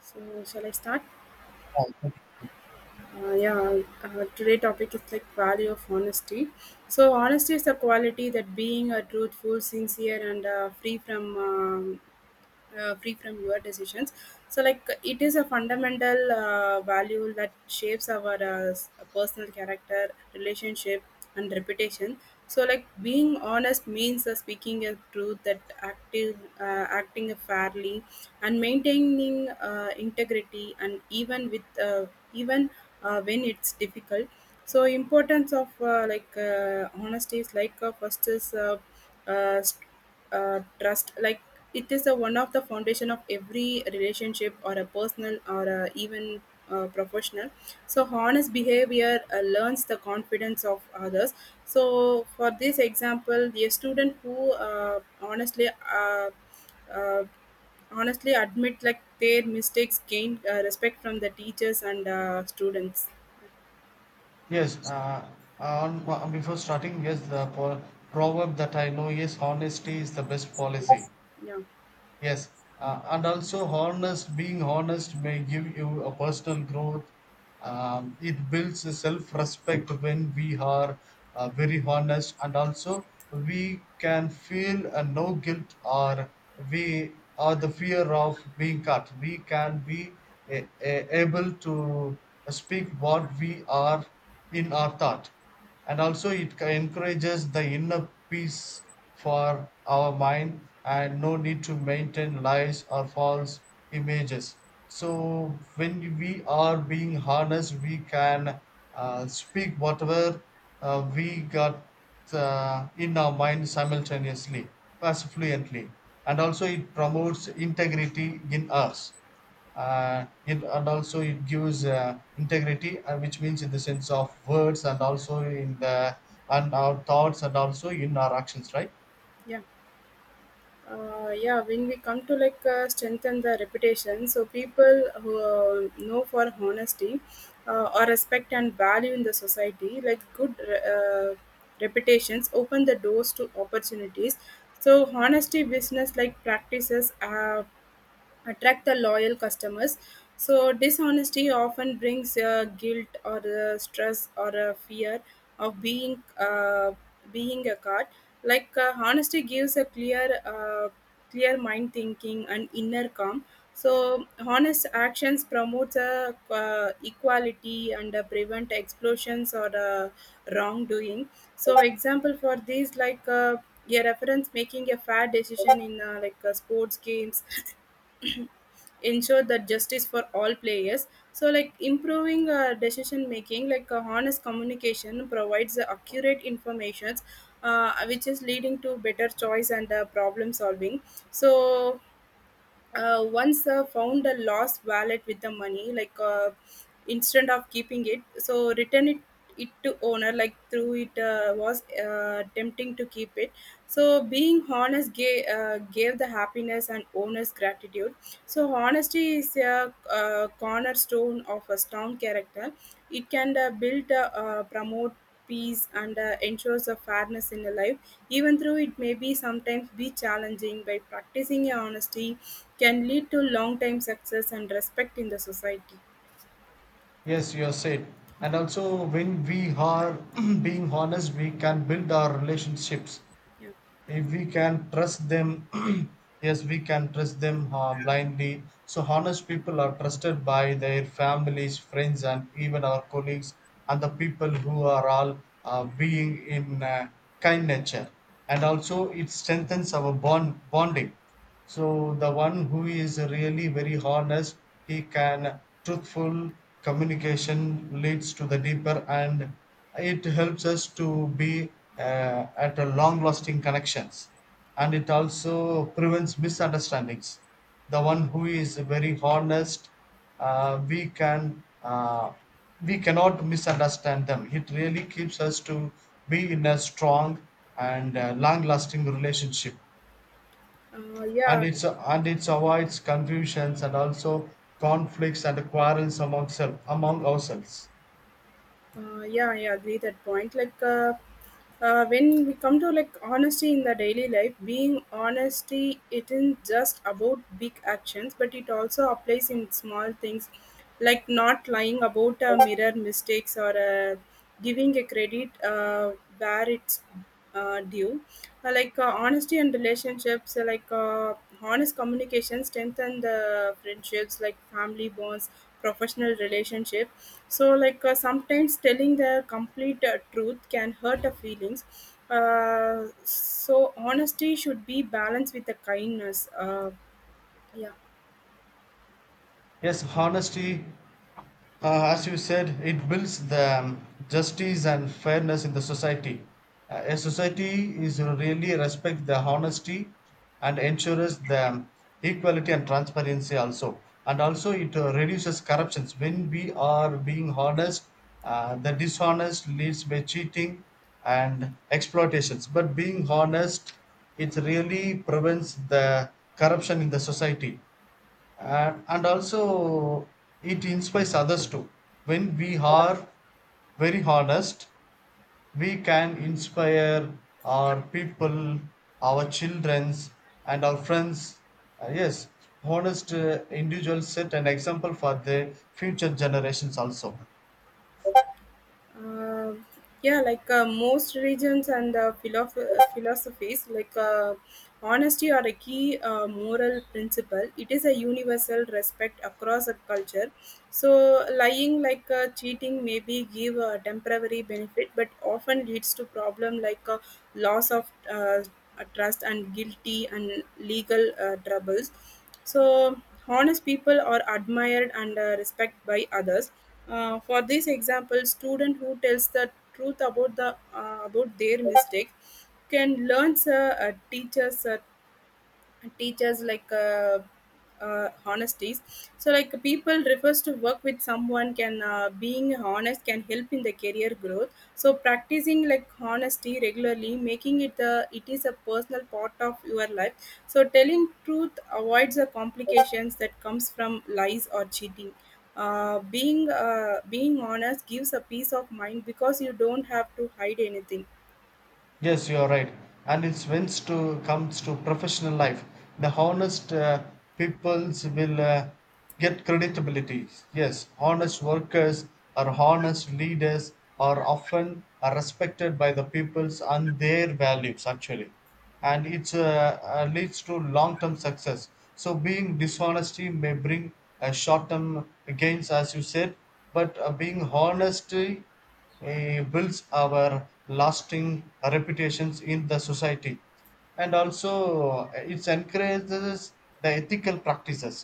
So shall I start? Yeah. Today topic is like value of honesty. So honesty is the quality that being a truthful, sincere, and free from your decisions. So like it is a fundamental value that shapes our personal character, relationship, and reputation. So like being honest means speaking a truth that active acting fairly and maintaining integrity and even with even when it's difficult. So importance of honesty is like first is uh, trust. Like it is a one of the foundation of every relationship or a personal or a even professional. So honest behavior learns the confidence of others. So for this example a student who uh, honestly uh, uh, honestly admit like their mistakes gain respect from the teachers and students. Yes, before starting, yes, proverb that I know is honesty is the best policy. Yeah. Yes, and also being honest may give you a personal growth. It builds self respect when we are very honest, and also we can feel no guilt or we or the fear of being cut. We can be able to speak what we are in our thought, and also it encourages the inner peace for our mind, and no need to maintain lies or false images. So when we are being honest, we can speak whatever we got in our mind simultaneously, as fluently. And also it promotes integrity in us. And also it gives integrity, which means in the sense of words, and also in the and our thoughts, and also in our actions, right? Yeah, yeah when we come to like strengthen the reputation, so people who know for honesty or respect and value in the society, like good uh, reputations open the doors to opportunities. So honesty business like practices attract the loyal customers. So dishonesty often brings guilt or stress or a fear of being being a card. Like honesty gives a clear mind thinking and inner calm. So honest actions promotes a equality and prevent explosions or wrongdoing. So example for these like. A reference making a fair decision in sports games ensure that justice for all players. So like improving decision making like honest communication provides the accurate information, which is leading to better choice and problem solving. So once found a lost wallet with the money like, instead of keeping it, so return it to owner, like through it was tempting to keep it. So being honest gave the happiness and owner's gratitude. So honesty is a, cornerstone of a strong character. It can build, promote peace and ensures a fairness in a life. Even though it may be sometimes be challenging by practicing a honesty can lead to long time success and respect in the society. Yes, you have said. And also when we are being honest we can build our relationships Yeah. if we can trust them. Yes, we can trust them blindly. So honest people are trusted by their families, friends and even our colleagues, and the people who are all being in kind nature. And also it strengthens our bonding. So the one who is really very honest, he can truthful communication leads to the deeper, and it helps us to be at a long lasting connections. And it also prevents misunderstandings. The one who is very honest, we can we cannot misunderstand them. It really keeps us to be in a strong and long lasting relationship. uh, yeah And it avoids confusions and also conflicts and quarrels among self, among ourselves. uh, yeah I agree that point. Like when we come to like honesty in the daily life, being honesty it isn't just about big actions but it also applies in small things, like not lying about a mirror mistakes or a giving a credit where it's due. Honesty and relationships, honest communication strengthen the friendships, like family bonds, professional relationship. So like sometimes telling the complete truth can hurt the feelings. So honesty should be balanced with the kindness. Yeah. Yes, honesty. As you said, it builds the justice and fairness in the society. A society is really respect the honesty, and ensures the equality and transparency also. And also it reduces corruptions. When we are being honest, the dishonest leads by cheating and exploitations. But being honest, it really prevents the corruption in the society. And also it inspires others too. When we are very honest, we can inspire our people, our childrens and our friends. Yes, honest individuals set an example for the future generations also. uh, Most religions and philosophies like honesty are a key moral principle. It is a universal respect across a culture. So lying like cheating maybe give a temporary benefit but often leads to problem, like loss of trust and guilty and legal troubles. So honest people are admired and respected by others. For this example, student who tells the truth about the about their mistake can learn a teacher's and teachers like honesties. So like people refers to work with someone can, being honest can help in the career growth. So practicing like honesty regularly, making it the it is a personal part of your life. So telling truth avoids the complications that comes from lies or cheating. Being honest gives a peace of mind because you don't have to hide anything. Yes, you are right. And it's when to comes to professional life, the honest peoples will get creditability. Yes, honest workers or honest leaders are often are respected by the peoples and their values actually, and it's leads to long-term success. So being dishonesty may bring a short-term gains, as you said, but being honesty builds our lasting reputations in the society. And also it encourages the ethical practices.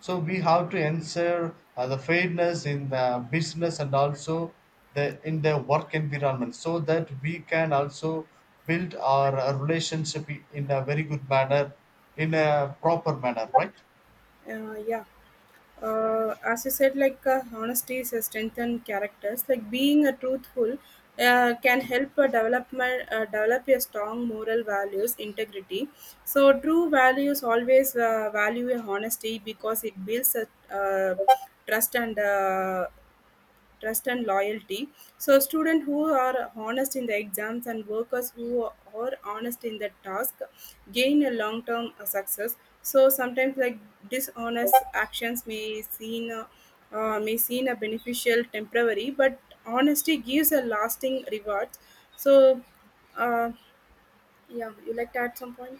So we have to ensure the fairness in the business and also the in the work environment, so that we can also build our relationship in a very good manner, in a proper manner, right? Yeah. As you said, like honesty is a strength in characters. Like being a truthful can help a development, develop a strong moral values, integrity. So true values always value honesty because it builds a uh, trust and uh, trust and loyalty. So students who are honest in the exams and workers who are honest in the task gain a long term success. So sometimes like dishonest actions may seem a beneficial temporary, but honesty gives a lasting reward. So uh, yeah, you like to add some point.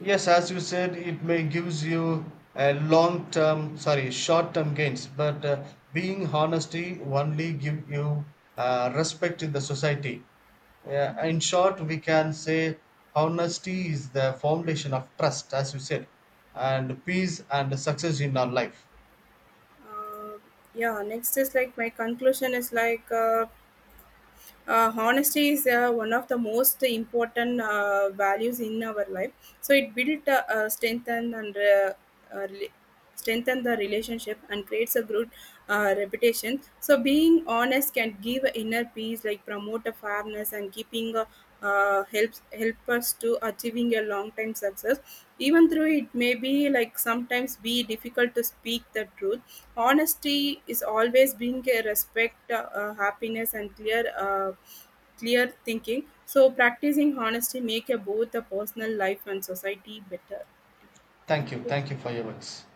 Yes, as you said, it may gives you a long term, sorry, short term gains, but being honesty only give you respect in the society. Yeah, in short, we can say honesty is the foundation of trust, as you said, and peace and success in our life. Uh, yeah next is like my conclusion is like honesty is one of the most important values in our life. So it built uh, rela- strengthen the relationship and creates a good reputation. So being honest can give inner peace, like promote a fairness and keeping help us to achieving a long time success. Even though it may be like sometimes be difficult to speak the truth, honesty is always being a respect, happiness and clear clear thinking. So practicing honesty make a both the personal life and society better. Thank you. Thank you for your words.